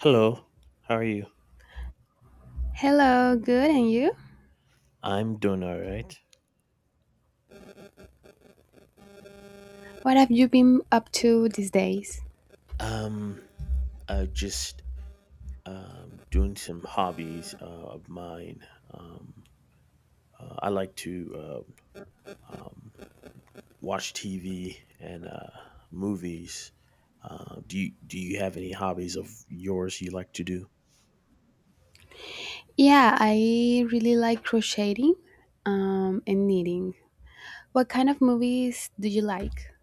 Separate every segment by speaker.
Speaker 1: Hello, how are you?
Speaker 2: Hello, good, and you?
Speaker 1: I'm doing all right.
Speaker 2: What have you been up to these days?
Speaker 1: Um, I just doing some hobbies of mine. Um, I like to uh, um, watch TV and movies. Do you do you have any hobbies of yours you like to do?
Speaker 2: Yeah, I really like crocheting and knitting. What kind of movies do you like?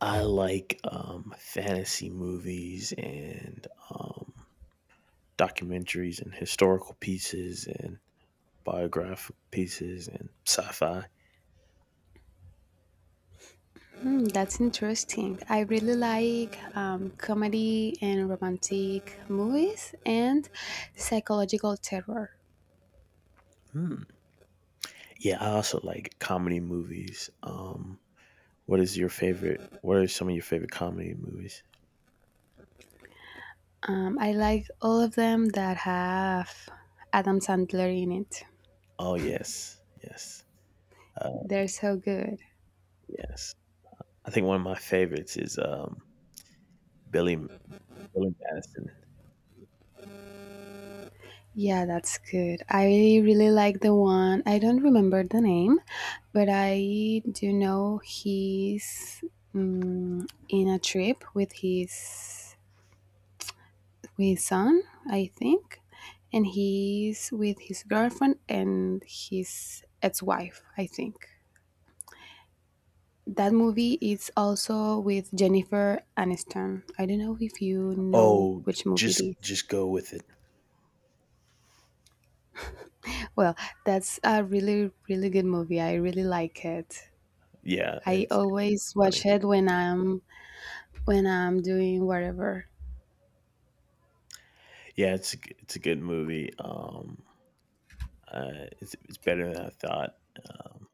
Speaker 1: I like fantasy movies and documentaries and historical pieces and biographical pieces and sci-fi.
Speaker 2: Hmm, that's interesting. I really like comedy and romantic movies and psychological terror.
Speaker 1: Yeah, I also like comedy movies. What is your favorite? What are some of your favorite comedy movies?
Speaker 2: I like all of them that have Adam Sandler in it.
Speaker 1: Oh yes, yes, uh,
Speaker 2: They're so good.
Speaker 1: yes. I think one of my favorites is Billy Billy Madison.
Speaker 2: Yeah, that's good. I really like the one. I don't remember the name, but I do know he's in a trip with his son, I think, and he's with his girlfriend and his ex-wife, I think. That movie is also with Jennifer Aniston. I don't know if you know
Speaker 1: Oh,
Speaker 2: which movie it is.
Speaker 1: just go with it.
Speaker 2: Well, that's a really, really good movie. I really like it.
Speaker 1: Yeah,
Speaker 2: I
Speaker 1: it's
Speaker 2: always
Speaker 1: funny.
Speaker 2: watch it when I'm doing whatever.
Speaker 1: Yeah, it's a it's a good movie. It's better than I thought. Um,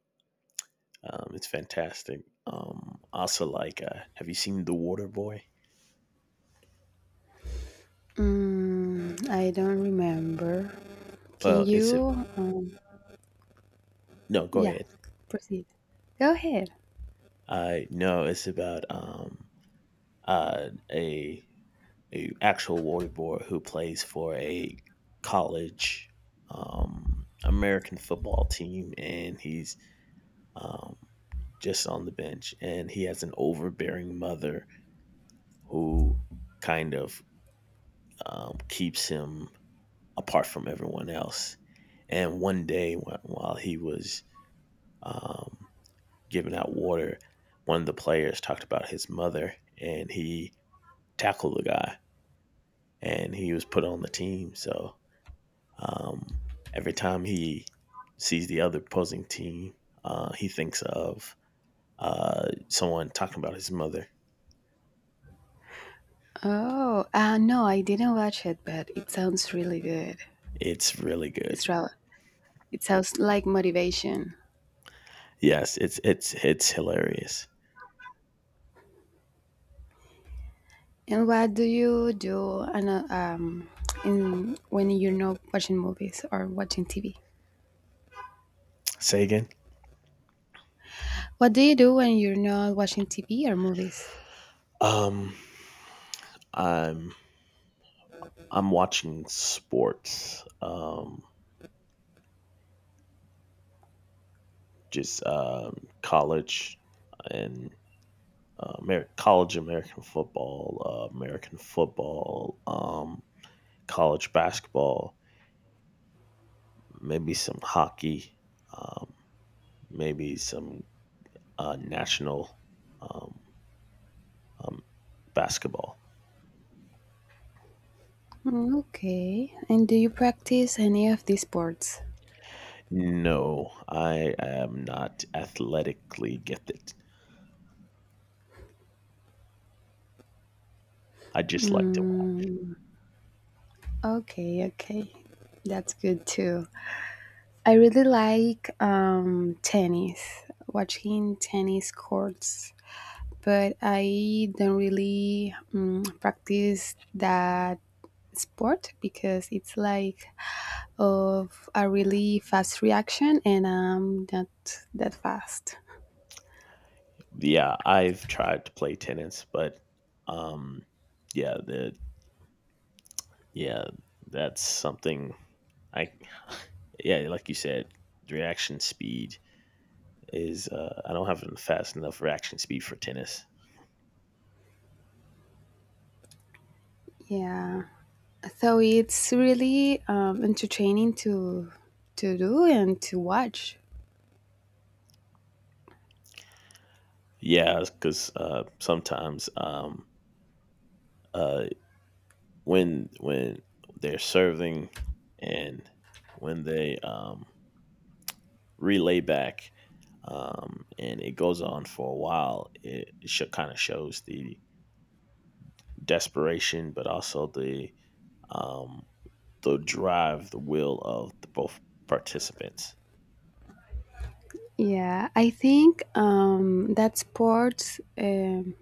Speaker 1: it's fantastic. Also like, have you seen The Water Boy?
Speaker 2: I don't remember. Can
Speaker 1: Well, it's a
Speaker 2: you?
Speaker 1: no. Go
Speaker 2: Yeah,
Speaker 1: ahead.
Speaker 2: proceed. Go ahead.
Speaker 1: No, it's about a actual waterboy who plays for a college American football team, and he's um just on the bench, and he has an overbearing mother who kind of keeps him apart from everyone else. And one day, while he was um, giving out water, one of the players talked about his mother, and he tackle the guy, and he was put on the team. So um, every time he sees the other opposing team, he thinks of someone talking about his mother.
Speaker 2: Oh, no, I didn't watch it, but it sounds really good.
Speaker 1: It's really good.
Speaker 2: It's rather, it sounds like motivation.
Speaker 1: Yes, it's it's hilarious.
Speaker 2: And what do you do when you're not watching movies or watching TV?
Speaker 1: Say again.
Speaker 2: What do you do when you're not watching TV or movies?
Speaker 1: Um, I'm I'm watching sports, just college and college American football, college basketball, maybe some hockey, um, maybe some national um, um, basketball.
Speaker 2: Mm, okay. And do you practice any of these sports?
Speaker 1: No, I am not athletically gifted. I just like to.
Speaker 2: Okay, okay. That's good too. I really like tennis, watching tennis courts, but I don't really practice that sport because it's like of a really fast reaction and I'm not that fast.
Speaker 1: Yeah, I've tried to play tennis, but um, yeah, the yeah, that's something I yeah, like you said, reaction speed is I don't have a fast enough reaction speed for tennis.
Speaker 2: Yeah. So it's really entertaining to do and to watch.
Speaker 1: Yeah, because sometimes uh, when they're serving and when they relay back and it goes on for a while, kind of shows the desperation, but also um, the drive, the will of the both participants.
Speaker 2: Yeah, I think that sports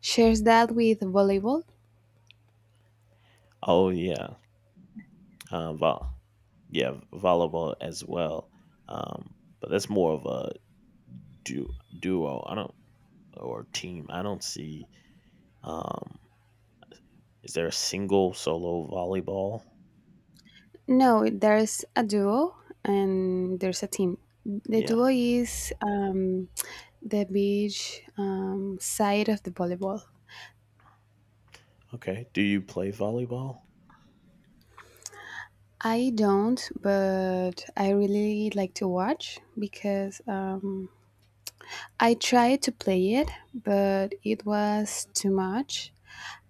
Speaker 2: shares that with volleyball.
Speaker 1: Oh yeah, um, vo- yeah, volleyball as well, um, but that's more of a du- duo. I don't or team. I don't see. Um, is there a single solo volleyball?
Speaker 2: No, there's a duo and there's a team. The
Speaker 1: Yeah.
Speaker 2: duo is the beach side of the volleyball.
Speaker 1: Okay. Do you play volleyball?
Speaker 2: I don't, but I really like to watch because I tried to play it, but it was too much.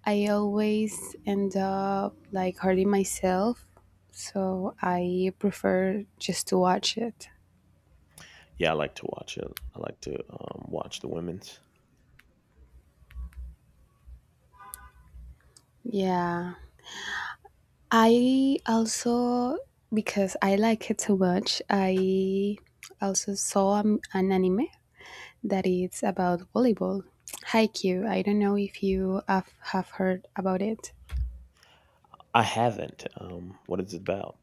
Speaker 2: I always end up like hurting myself, so I prefer just to watch it.
Speaker 1: Yeah, I like to watch it. I like to watch the women's.
Speaker 2: Yeah. I also, because I like it so much, I also saw an anime that is about volleyball. Haikyuu. I don't know if you have heard about it.
Speaker 1: I haven't. What is it about?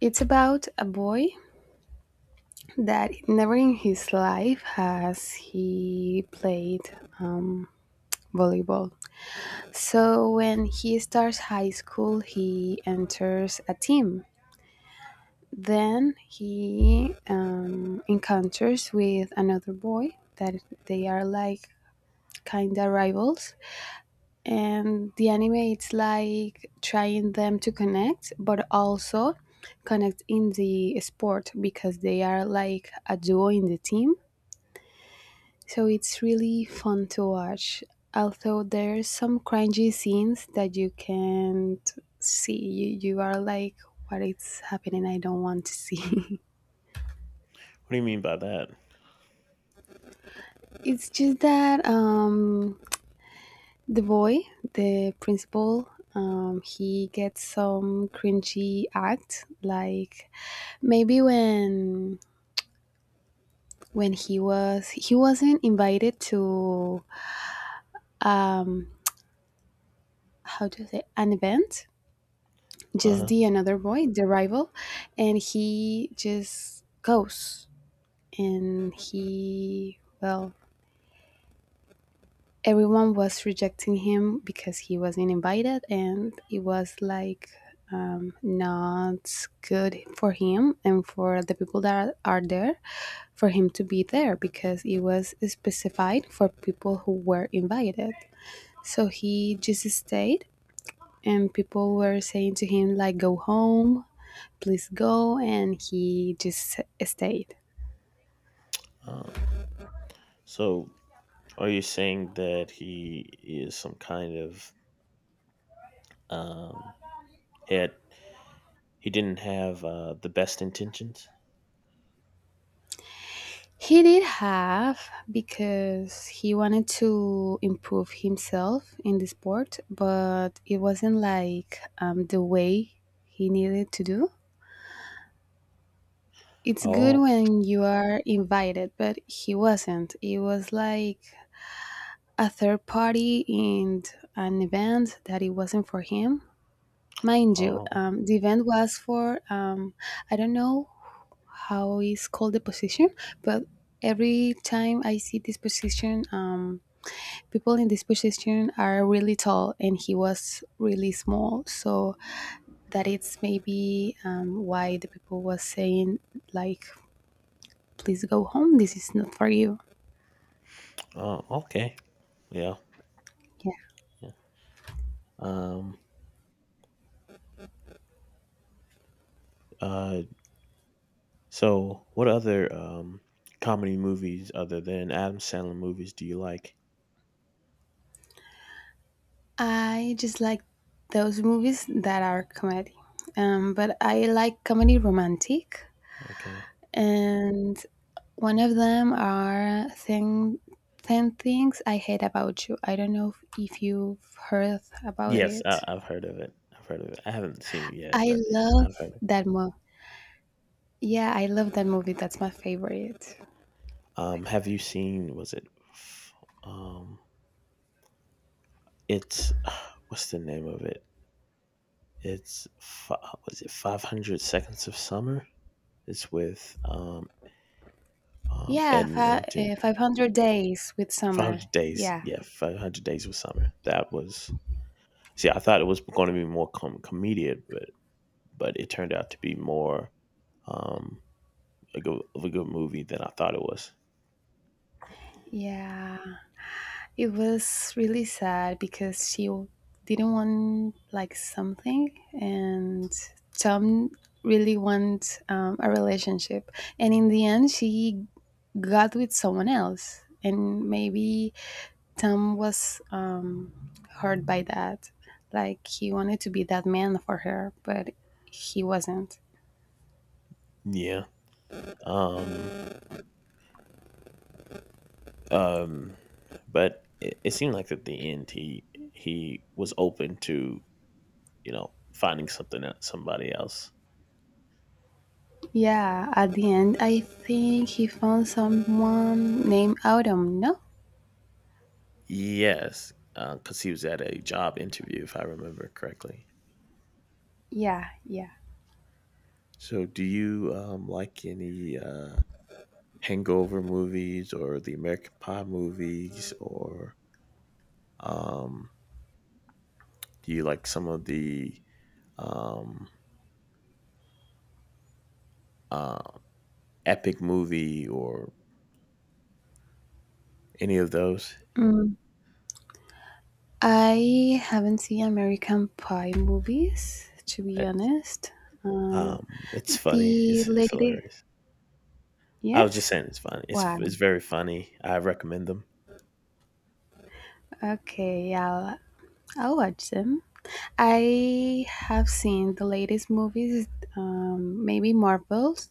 Speaker 2: It's about a boy that never in his life has he played volleyball. So when he starts high school, he enters a team. Then he encounters with another boy that they are like kind of rivals, and the anime it's like trying them to connect, but also connect in the sport because they are like a duo in the team. So it's really fun to watch. Although there's some cringy scenes that you can't see. You are like, what is happening? I don't want to see.
Speaker 1: What do you mean by that?
Speaker 2: It's just that the boy, the principal, he gets some cringy act. Like maybe when he wasn't invited to, um, how to say, an event,
Speaker 1: Uh
Speaker 2: just
Speaker 1: huh.
Speaker 2: the another boy, the rival, and he just goes. And he, well, everyone was rejecting him because he wasn't invited, and it was like, not good for him and for the people that are there for him to be there because it was specified for people who were invited. So he just stayed, and people were saying to him, like, go home, please go, and he just stayed.
Speaker 1: Oh. So, are you saying that he is some kind of um had he didn't have the best intentions?
Speaker 2: He did have, because he wanted to improve himself in the sport, but it wasn't like the way he needed to do. It's good
Speaker 1: Oh.
Speaker 2: when you are invited, but he wasn't. It was like a third party in an event that it wasn't for him. Mind you,
Speaker 1: Oh.
Speaker 2: the event was for, I don't know how is called the position, but every time I see this position, people in this position are really tall and he was really small, so that it's maybe why the people was saying, like, please go home, this is not for you.
Speaker 1: Oh. Okay. Yeah.
Speaker 2: Yeah,
Speaker 1: Yeah. Um. Uh. So, what other comedy movies other than Adam Sandler movies do you like?
Speaker 2: I just like those movies that are comedy, but I like comedy romantic.
Speaker 1: Okay.
Speaker 2: And one of them are ten Things I Hate About You. I don't know if you've heard about
Speaker 1: Yes,
Speaker 2: it.
Speaker 1: I've heard of it. I've heard of it. I haven't seen it yet,
Speaker 2: I
Speaker 1: but
Speaker 2: love
Speaker 1: I've heard it.
Speaker 2: that movie. Yeah, I love that movie. That's my favorite.
Speaker 1: Have you seen? Was it? f- Um, it's what's the name of it? It's was it 500 Seconds of Summer? It's with
Speaker 2: Yeah,
Speaker 1: Ed Norton.
Speaker 2: 500 Days with
Speaker 1: Five
Speaker 2: Summer.
Speaker 1: Hundred Days.
Speaker 2: Yeah.
Speaker 1: Yeah, 500 Days with Summer. That was. See, I thought it was going to be more comedic, but it turned out to be more um, a of a good movie than I thought it was.
Speaker 2: Yeah. It was really sad because didn't want like something, and Tom really want a relationship. And in the end, she got with someone else, and maybe Tom was, hurt by that. Like he wanted to be that man for her, but he wasn't.
Speaker 1: Yeah. Um. Um. But it seemed like at the end he was open to finding something out somebody else.
Speaker 2: Yeah, at the end, I think he found someone named Autumn. No,
Speaker 1: Yes, because he was at a job interview, if I remember correctly.
Speaker 2: yeah, yeah.
Speaker 1: So, do you like any Hangover movies or the American Pie movies, or um, do you like some of the um, uh, Epic Movie or any of those.
Speaker 2: I haven't seen American Pie movies, to be
Speaker 1: I-
Speaker 2: honest. Um,
Speaker 1: It's funny.
Speaker 2: the
Speaker 1: It's
Speaker 2: lady,
Speaker 1: hilarious. I was just
Speaker 2: yes,
Speaker 1: saying it's funny. It's
Speaker 2: wow,
Speaker 1: it's very funny. I recommend them.
Speaker 2: okay, yeah, I'll watch them. I have seen the latest movies, maybe Marvels.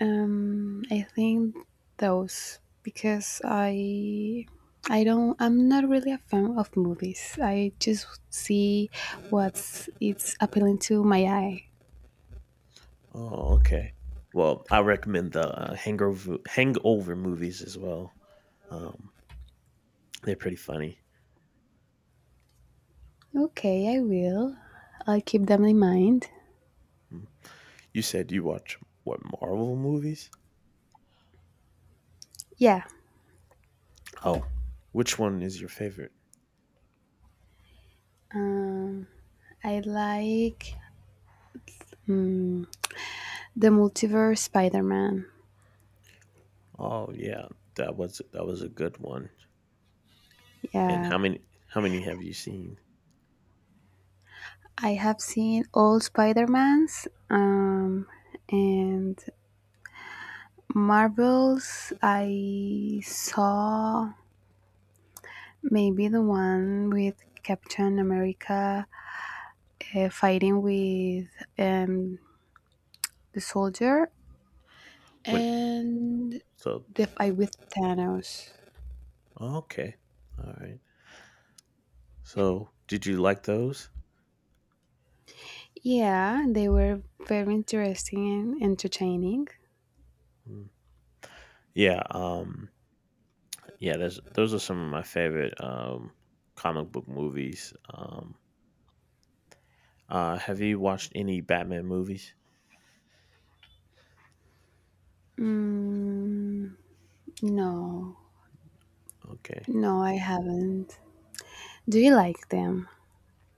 Speaker 2: I think those because I'm not really a fan of movies. I just see what's it's appealing to my eye.
Speaker 1: Oh, okay. Well, I recommend the hangover movies as well. Um, they're pretty funny.
Speaker 2: Okay, I will. I'll keep them in mind.
Speaker 1: Mm. You said you watch what Marvel movies?
Speaker 2: Yeah,
Speaker 1: Oh, which one is your favorite?
Speaker 2: um, I like, mm, the multiverse Spider-Man.
Speaker 1: Oh yeah, that was a good one. And
Speaker 2: Yeah,
Speaker 1: how many have you seen?
Speaker 2: I have seen all Spider-Mans and Marvels. I saw maybe the one with Captain America fighting with, um, the soldier,
Speaker 1: When
Speaker 2: and
Speaker 1: so
Speaker 2: the fight with Thanos.
Speaker 1: okay. All right. So, did you like those?
Speaker 2: Yeah, they were very interesting and entertaining.
Speaker 1: Mm. Yeah, yeah. There's those are some of my favorite comic book movies. Have you watched any Batman movies?
Speaker 2: Mm, no,
Speaker 1: Okay.
Speaker 2: no, I haven't. Do you like them?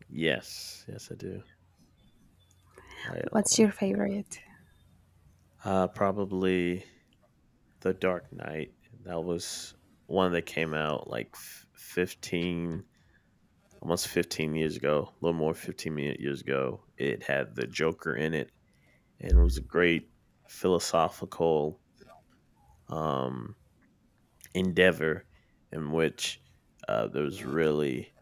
Speaker 1: Yes, yes, I do. I
Speaker 2: What's
Speaker 1: like
Speaker 2: your
Speaker 1: a lot.
Speaker 2: favorite?
Speaker 1: Probably The Dark Knight. That was one that came out like 15, almost 15 years ago, a little more 15 years years ago. It had the Joker in it, and it was a great philosophical um, endeavor in which there was really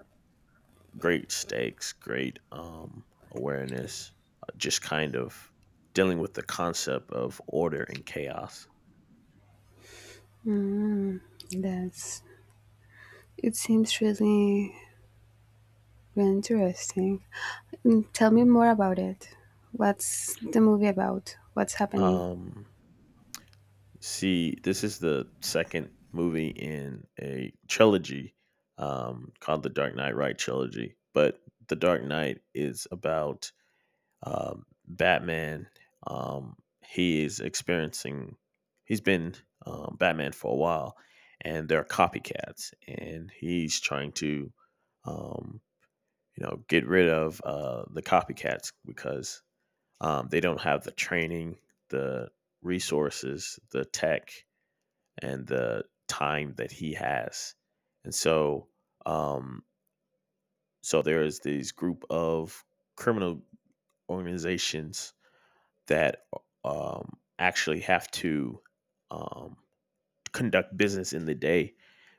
Speaker 1: great stakes, great awareness, just kind of dealing with the concept of order and chaos.
Speaker 2: Mm, that's. It seems really, really interesting. Tell me more about it. What's the movie about? What's happening?
Speaker 1: Um, see, this is the second movie in a trilogy called the Dark Knight Right trilogy, but the Dark Knight is about Batman. Um, he is experiencing. He's been Batman for a while, and there are copycats, and he's trying to, um, you know, get rid of the copycats because they don't have the training, the resources, the tech, and the time that he has, and so. Um, so there is this group of criminal organizations that actually have to um, conduct business in the day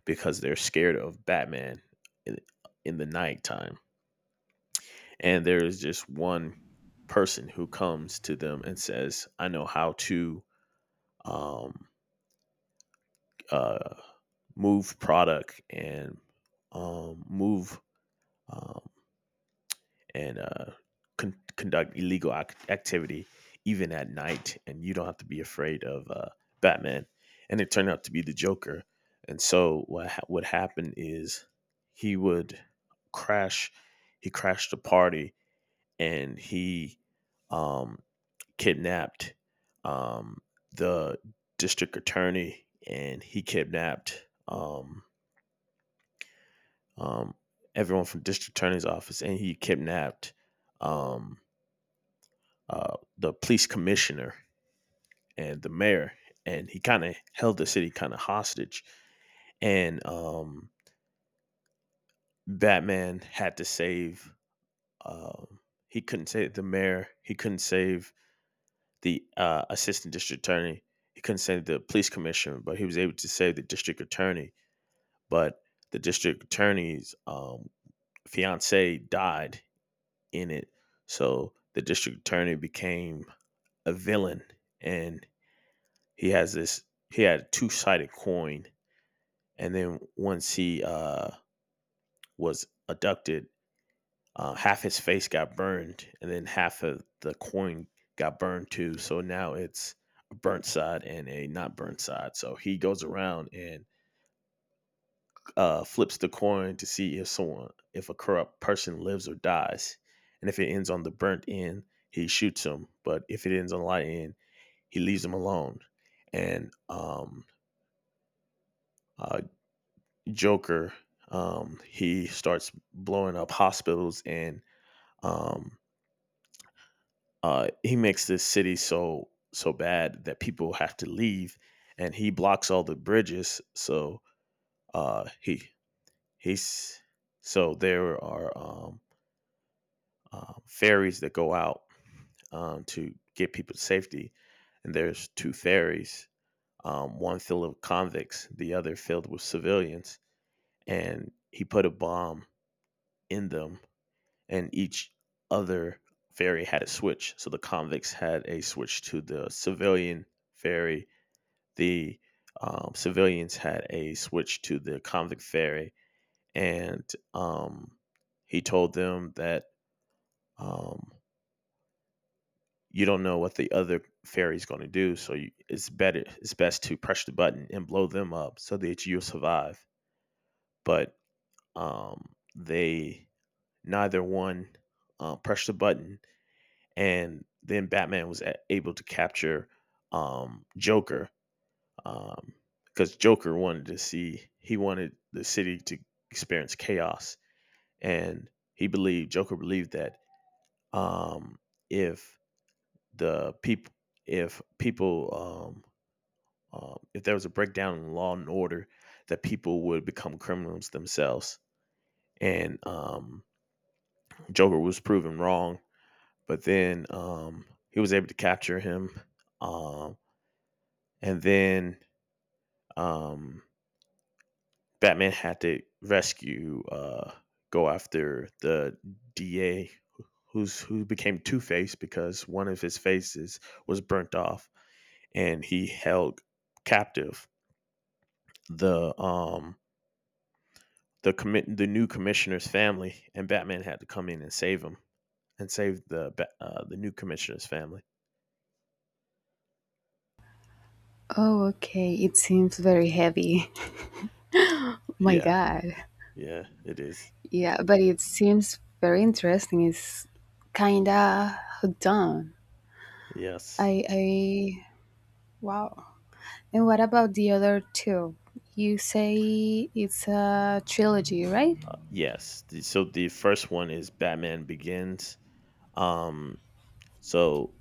Speaker 1: because they're scared of Batman in, in the nighttime. And there is just one person who comes to them and says, I know how to um, uh, move product and move um, and conduct illegal activity even at night and you don't have to be afraid of batman and it turned out to be the joker. And so what would happen is he would crash he crashed a party and he um, kidnapped um, the district attorney, and he kidnapped um, everyone from district attorney's office, and he kidnapped um, the police commissioner and the mayor, and he kind of held the city kind of hostage. And Batman had to save. Um, he couldn't save the mayor. He couldn't save the assistant district attorney. He couldn't save the police commissioner, but he was able to save the district attorney. But the district attorney's fiance died in it, so the district attorney became a villain, and he has this he had a two-sided coin. And then once he was abducted, half his face got burned, and then half of the coin got burned too. So now it's a burnt side and a not burnt side, so he goes around and flips the coin to see if a corrupt person lives or dies. And if it ends on the burnt end, he shoots him, but if it ends on the light end, he leaves him alone. And uh, Joker, he starts blowing up hospitals, and um, he makes this city so so bad that people have to leave, and he blocks all the bridges. So uh, he he's so there are ferries that go out to get people to safety, and there's two ferries, one filled with convicts, the other filled with civilians, and he put a bomb in them, and each other ferry had a switch. So the convicts had a switch to the civilian ferry. The civilians had a switch to the convict ferry, and he told them that um, you don't know what the other ferry is going to do, so it's best to press the button and blow them up so that you'll survive. But um, they neither one pressed the button, and then Batman was able to capture Joker, because Joker wanted to see he wanted the city to experience chaos, and he believed Joker believed that um, if the people if people if there was a breakdown in law and order, that people would become criminals themselves, and Joker was proven wrong. But then he was able to capture him. Um, and then um, Batman had to rescue, go after the DA who became Two Face because one of his faces was burnt off, and he held captive the um the commit the new commissioner's family, and Batman had to come in and save him and save the the new commissioner's family.
Speaker 2: Oh, okay. It seems very heavy. My
Speaker 1: Yeah,
Speaker 2: God.
Speaker 1: yeah, it is.
Speaker 2: Yeah, but it seems very interesting. It's kinda done.
Speaker 1: Yes,
Speaker 2: I wow. And what about the other two? You say it's a trilogy, right?
Speaker 1: yes. So the first one is Batman Begins. Um, So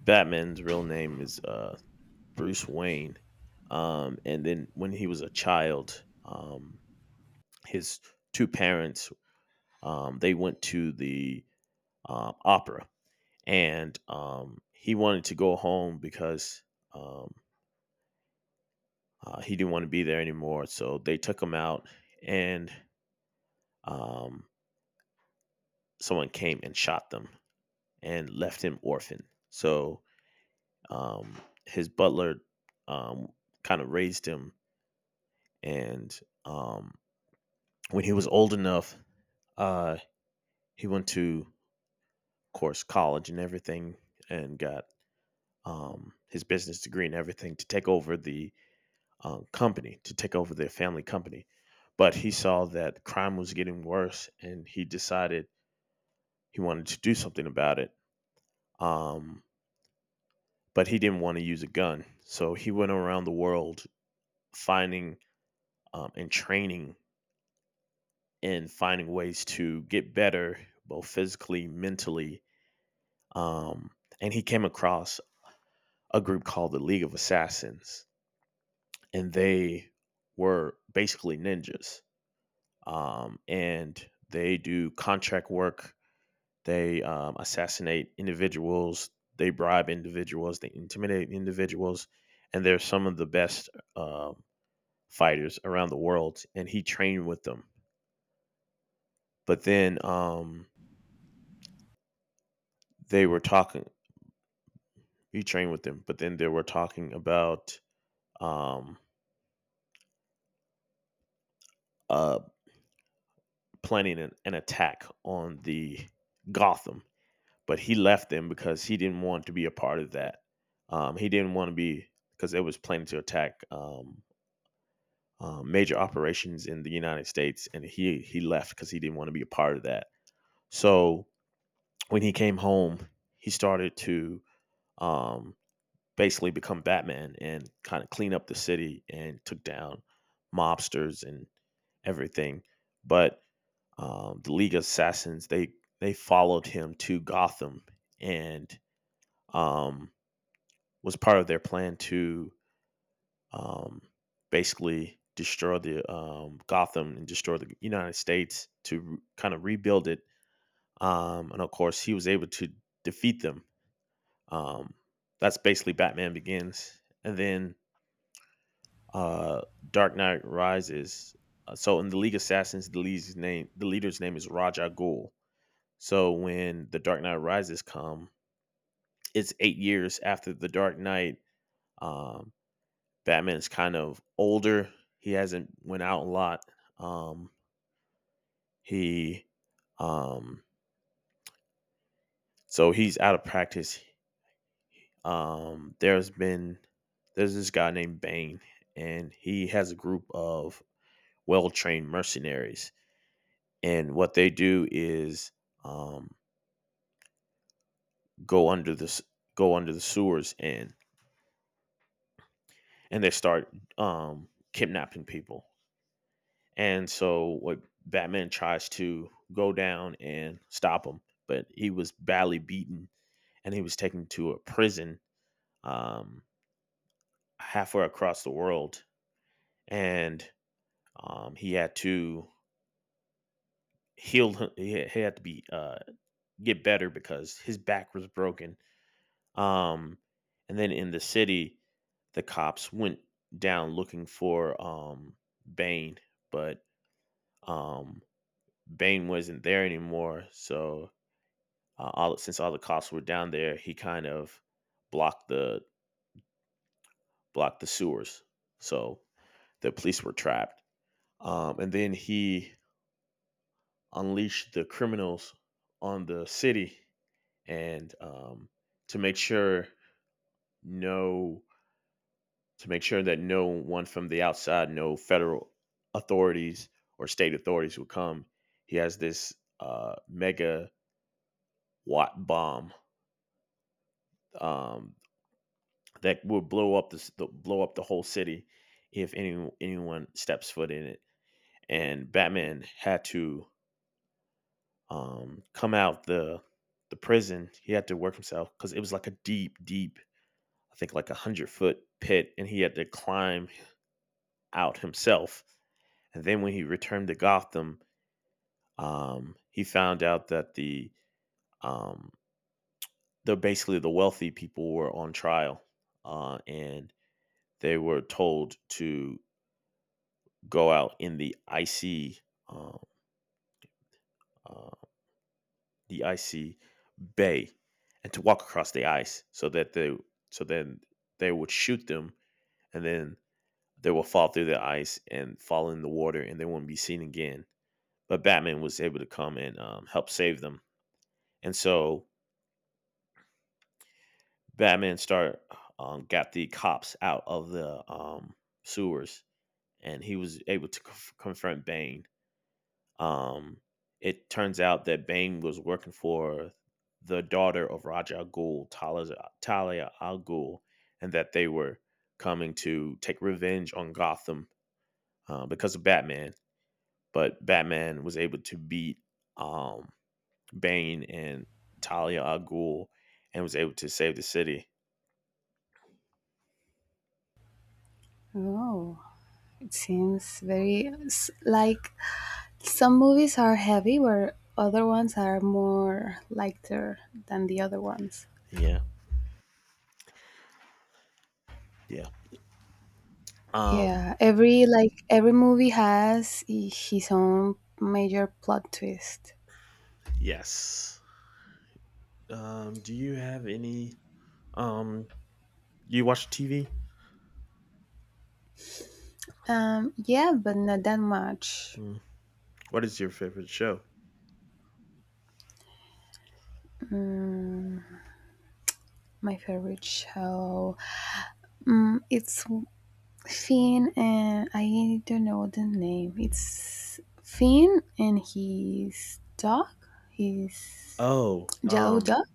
Speaker 1: Batman's real name is Bruce Wayne. And then when he was a child, his two parents they went to the opera, and he wanted to go home because um, he didn't want to be there anymore. So they took him out, and um, someone came and shot them and left him orphan. So um, his butler um, kind of raised him and um, when he was old enough, uh, he went to, of course, college and everything, and got his business degree and everything to take over the company, to take over their family company. But he saw that crime was getting worse, and he decided he wanted to do something about it. Um, but he didn't want to use a gun, so he went around the world finding and training and finding ways to get better, both physically, mentally, um, and he came across a group called the League of Assassins, and they were basically ninjas, and they do contract work. They assassinate individuals. They bribe individuals. They intimidate individuals, and they're some of the best um fighters around the world. And he trained with them, but then they were talking. He trained with them, but then they were talking about um, uh, planning an attack on the Gotham, but he left them because he didn't want to be a part of that. He didn't want to be because it was planning to attack major operations in the United States, and he left because he didn't want to be a part of that. So when he came home, he started to um, basically become Batman and kind of clean up the city and took down mobsters and everything. But the League of Assassins. They followed him to Gotham and um, was part of their plan to um, basically destroy the Gotham and destroy the United States to kind of rebuild it. And of course, he was able to defeat them. Um, that's basically Batman Begins, and then uh, Dark Knight Rises. So in the League of Assassins, the leader's name is Raja Ghul. So when The Dark Knight Rises come, it's 8 years after The Dark Knight. Um, Batman's kind of older. He hasn't went out a lot. Um, he um, so he's out of practice. Um, there's this guy named Bane, and he has a group of well trained mercenaries. And what they do is um, go under the s- go under the sewers and they start kidnapping people. And so what Batman tries to go down and stop him, but he was badly beaten and he was taken to a prison um, halfway across the world. And he had to heal. He had to be get better because his back was broken. Um, and then in the city, the cops went down looking for Bane, but um, Bane wasn't there anymore. So all since all the cops were down there, he kind of blocked the blocked the sewers, so the police were trapped. And then he unleashed the criminals on the city, and to make sure no to make sure that no one from the outside, no federal authorities or state authorities would come. He has this mega watt bomb um, that would blow up blow up the whole city if anyone steps foot in it. And Batman had to come out the prison. He had to work himself because it was like a deep, deep, I think like a hundred-foot pit, and he had to climb out himself. And then when he returned to Gotham, he found out that um, the basically the wealthy people were on trial, and they were told to go out in um, uh, the icy bay and to walk across the ice so that they so then they would shoot them and then they will fall through the ice and fall in the water and they will not be seen again. But Batman was able to come and help save them. And so batman start got the cops out of the sewers and he was able to confront Bane. Um, it turns out that Bane was working for the daughter of Raja al Ghul, Talia al Ghul, and that they were coming to take revenge on Gotham because of Batman. But Batman was able to beat um, Bane and Talia al Ghul and was able to save the city.
Speaker 2: Oh, it seems very like some movies are heavy, where other ones are more lighter than the other ones.
Speaker 1: Yeah, yeah. Um,
Speaker 2: Yeah, every movie has his own major plot twist.
Speaker 1: yes. Do you have any? Um, do you watch TV?
Speaker 2: Yeah, but not that much.
Speaker 1: Hmm. What is your favorite show?
Speaker 2: Mm, my favorite show. It's Finn, and I don't know the name. It's Finn and his dog, his
Speaker 1: Oh,
Speaker 2: yellow
Speaker 1: um,
Speaker 2: dog.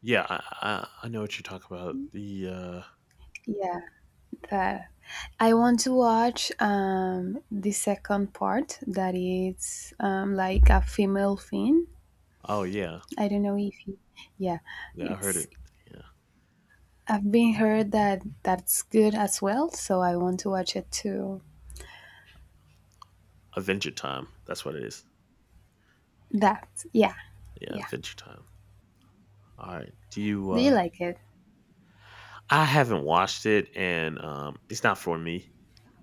Speaker 1: yeah, I know what you're talking about. The uh
Speaker 2: Yeah, that. I want to watch the second part, that is, like a female Finn.
Speaker 1: Oh yeah.
Speaker 2: I don't know if you, yeah,
Speaker 1: Yeah, I heard
Speaker 2: it's.
Speaker 1: it. Yeah.
Speaker 2: I've been heard that that's good as well, so I want to watch it too.
Speaker 1: Adventure Time. That's what it is.
Speaker 2: That, yeah,
Speaker 1: Yeah,
Speaker 2: yeah.
Speaker 1: Adventure Time. All right. Do you
Speaker 2: Do you like it?
Speaker 1: I haven't watched it and it's not for me.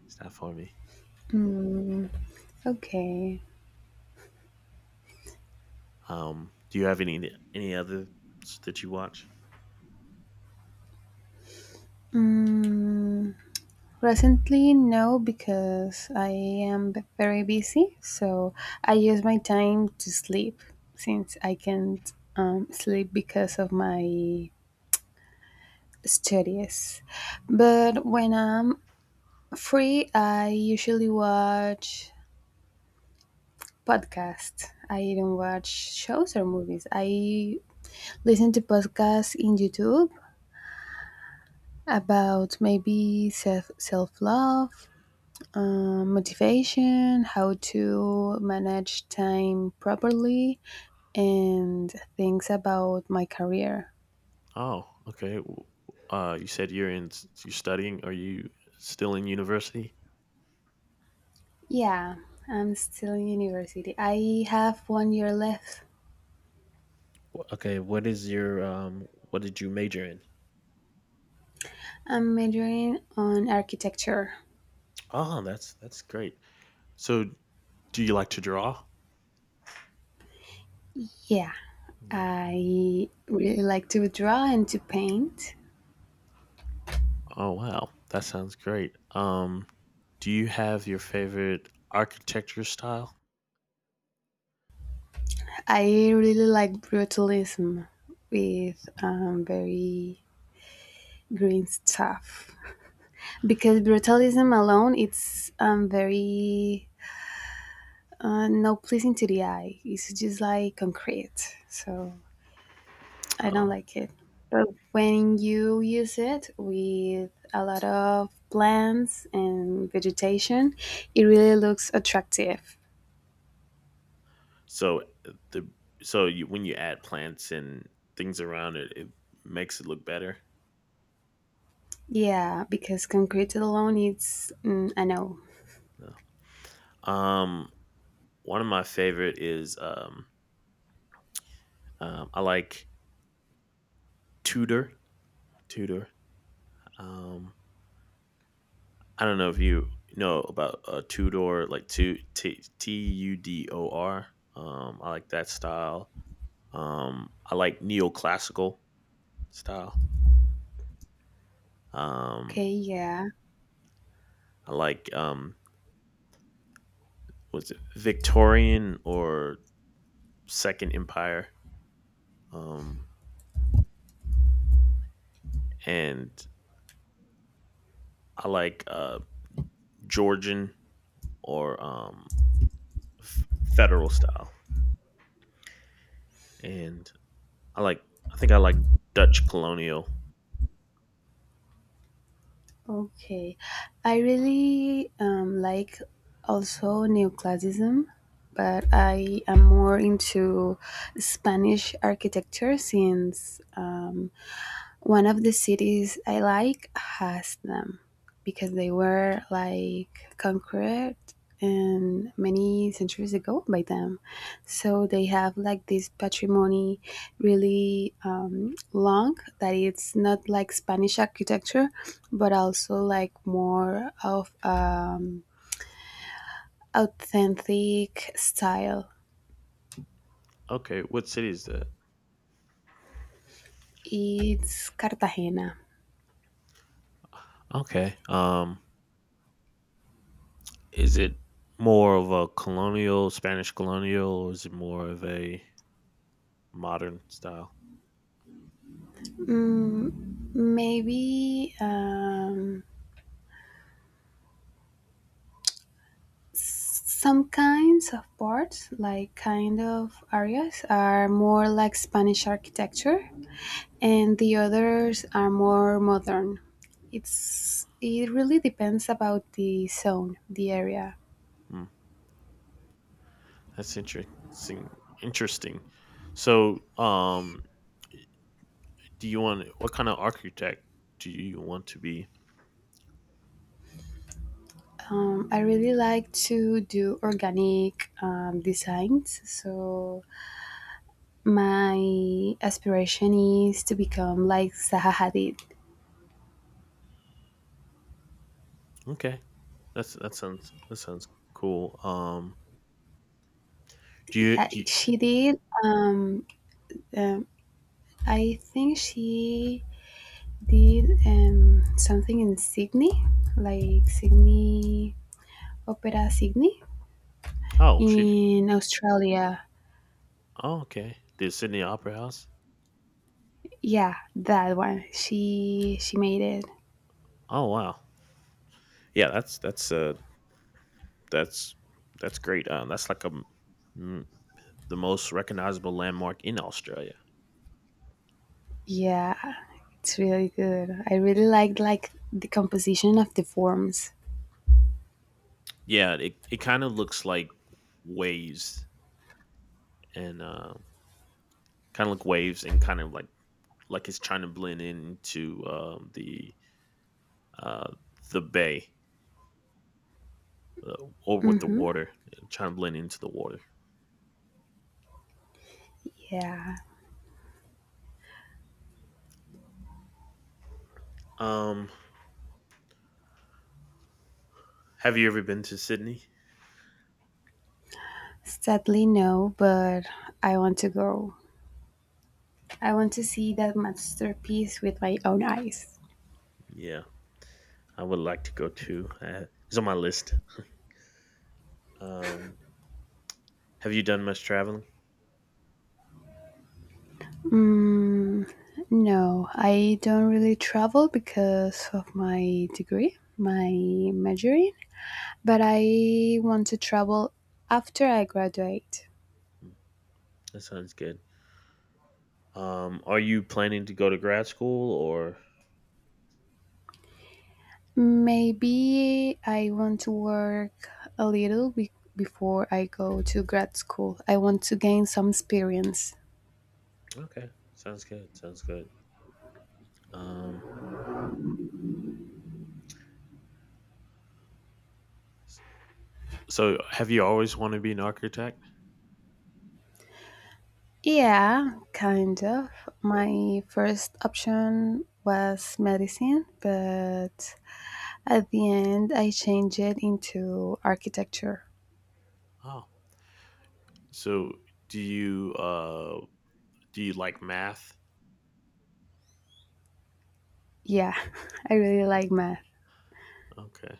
Speaker 1: It's not for me.
Speaker 2: Okay.
Speaker 1: Do you have any others that you watch?
Speaker 2: Mm, Presently, no, because I am very busy, so I use my time to sleep since I can't sleep because of my studies. But when I'm free, I usually watch podcasts. I don't watch shows or movies. I listen to podcasts in YouTube about maybe self love, motivation, how to manage time properly, and things about my career.
Speaker 1: Oh, okay. You said you're you're studying. Are you still in university?
Speaker 2: Yeah, I'm still in university. I have one year left.
Speaker 1: Okay, what is your what did you major in?
Speaker 2: I'm majoring on architecture.
Speaker 1: Oh, that's great. So, do you like to draw?
Speaker 2: Yeah,
Speaker 1: Yeah.
Speaker 2: I really like to draw and to paint.
Speaker 1: Oh, wow. That sounds great. Do you have your favorite architecture style?
Speaker 2: I really like brutalism with, very green stuff, because brutalism alone it's very no pleasing to the eye. It's just like concrete, so I don't
Speaker 1: Oh.
Speaker 2: like it. But when you use it with a lot of plants and vegetation, it really looks attractive.
Speaker 1: So uh, the so when you add plants and things around it, it makes it look better.
Speaker 2: Yeah, because concrete alone, it's, I know.
Speaker 1: No. Um One of my favorite is I like Tudor, Tudor. Um I don't know if you know about Tudor, like two Tudor. I like that style. I like neoclassical style. Um,
Speaker 2: Okay, yeah.
Speaker 1: I like was it Victorian or Second Empire? Um, and I like Georgian or federal style. And I like, I think I like Dutch colonial.
Speaker 2: Okay, I really like also neoclassicism, but I am more into Spanish architecture since, one of the cities I like has them because they were like conquered and many centuries ago by them. So they have like this patrimony really, long, that it's not like Spanish architecture, but also like more of, authentic style.
Speaker 1: Okay, what city is that?
Speaker 2: It's Cartagena.
Speaker 1: Okay. Is it more of a colonial, Spanish colonial, or is it more of a modern style?
Speaker 2: Mm, maybe. Some kinds of parts, like kind of areas, are more like Spanish architecture, and the others are more modern. It really depends about the zone, the area.
Speaker 1: Hmm, that's interesting. Interesting. So, do you want what kind of architect do you want to be?
Speaker 2: I really like to do organic, designs, so my aspiration is to become like Zaha Hadid.
Speaker 1: Okay, that sounds that sounds cool. Do you
Speaker 2: Yeah,
Speaker 1: do? You,
Speaker 2: she did. Um, I think she did, something in Sydney, like Sydney Opera Sydney
Speaker 1: oh,
Speaker 2: in Australia.
Speaker 1: Oh, okay. The Sydney Opera House.
Speaker 2: Yeah, that one. She made it.
Speaker 1: Oh, wow. Yeah, that's that's great. That's like m- the most recognizable landmark in Australia.
Speaker 2: Yeah, it's really good. I really liked like the composition of the forms.
Speaker 1: Yeah, it kind of looks like waves and kind of like it's trying to blend into uh, the bay or with the water, trying to blend into the water.
Speaker 2: Yeah.
Speaker 1: Um, have you ever been to Sydney?
Speaker 2: Sadly no, but I want to go. I want to see that masterpiece with my own eyes.
Speaker 1: Yeah, I would like to go too. It's on my list. Um, have you done much traveling?
Speaker 2: No, I don't really travel because of my degree, my majoring, but I want to travel after I graduate.
Speaker 1: Hmm. That sounds good. Are you planning to go to grad school or?
Speaker 2: Maybe I want to work a little before I go to grad school. I want to gain some experience.
Speaker 1: Okay, sounds good. Sounds good. Um, So, have you always wanted to be an architect?
Speaker 2: Yeah, kind of. My first option was medicine, but at the end I changed it into architecture.
Speaker 1: Oh, so do you uh do you like math?
Speaker 2: Yeah, I really like math.
Speaker 1: Okay,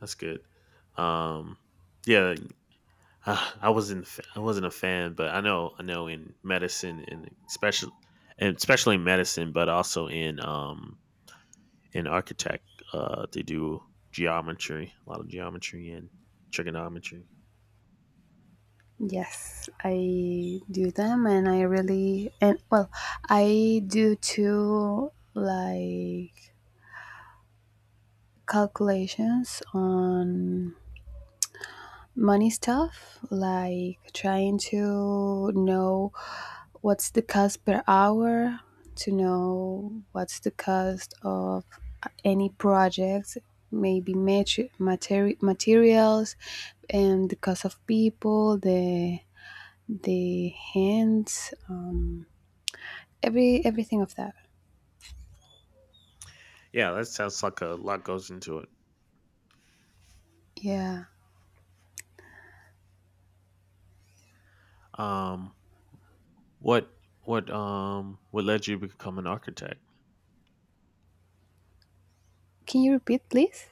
Speaker 1: that's good. Um, yeah, I wasn't a fan, but I know in medicine and especially in medicine, but also in architect, they do geometry, a lot of geometry and trigonometry.
Speaker 2: Yes, I do them and I really, and well, I do too, like calculations on money stuff, like trying to know what's the cost per hour, to know what's the cost of any project, maybe materials, and the cost of people, the hands, everything of that.
Speaker 1: Yeah, that sounds like a lot goes into it.
Speaker 2: Yeah.
Speaker 1: Um, what what led you to become an architect?
Speaker 2: Can you repeat, please?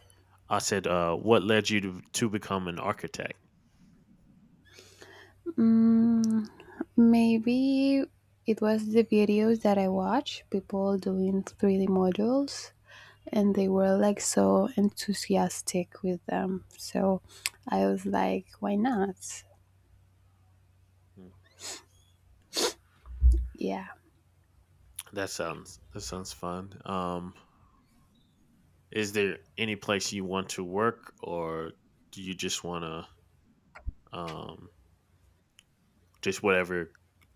Speaker 1: I said, what led you to become an architect?
Speaker 2: Mm, Maybe it was the videos that I watched, people doing 3D modules, and they were like so enthusiastic with them. So I was like, why not?
Speaker 1: Mm.
Speaker 2: Yeah,
Speaker 1: that sounds that sounds fun. Is there any place you want to work, or do you just want to just whatever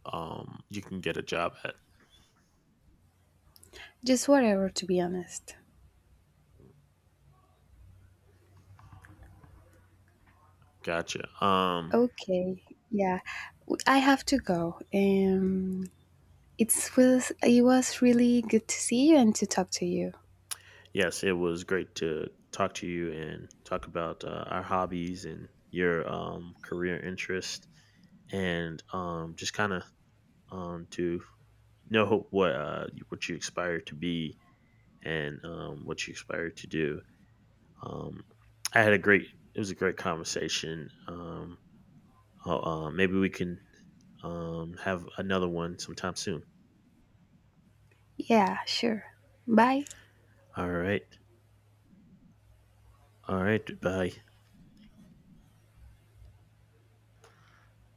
Speaker 1: you can get a job at?
Speaker 2: just whatever, to be honest.
Speaker 1: Gotcha.
Speaker 2: Okay, yeah, I have to go. It was really good to see you and to talk to you.
Speaker 1: Yes, it was great to talk to you and talk about our hobbies and your career interest, and just kind of to know what you aspire to be and what you aspire to do. Um, I had a great. It was a great conversation. Maybe we can have another one sometime soon.
Speaker 2: Yeah, sure. Bye.
Speaker 1: All right. All right. Bye.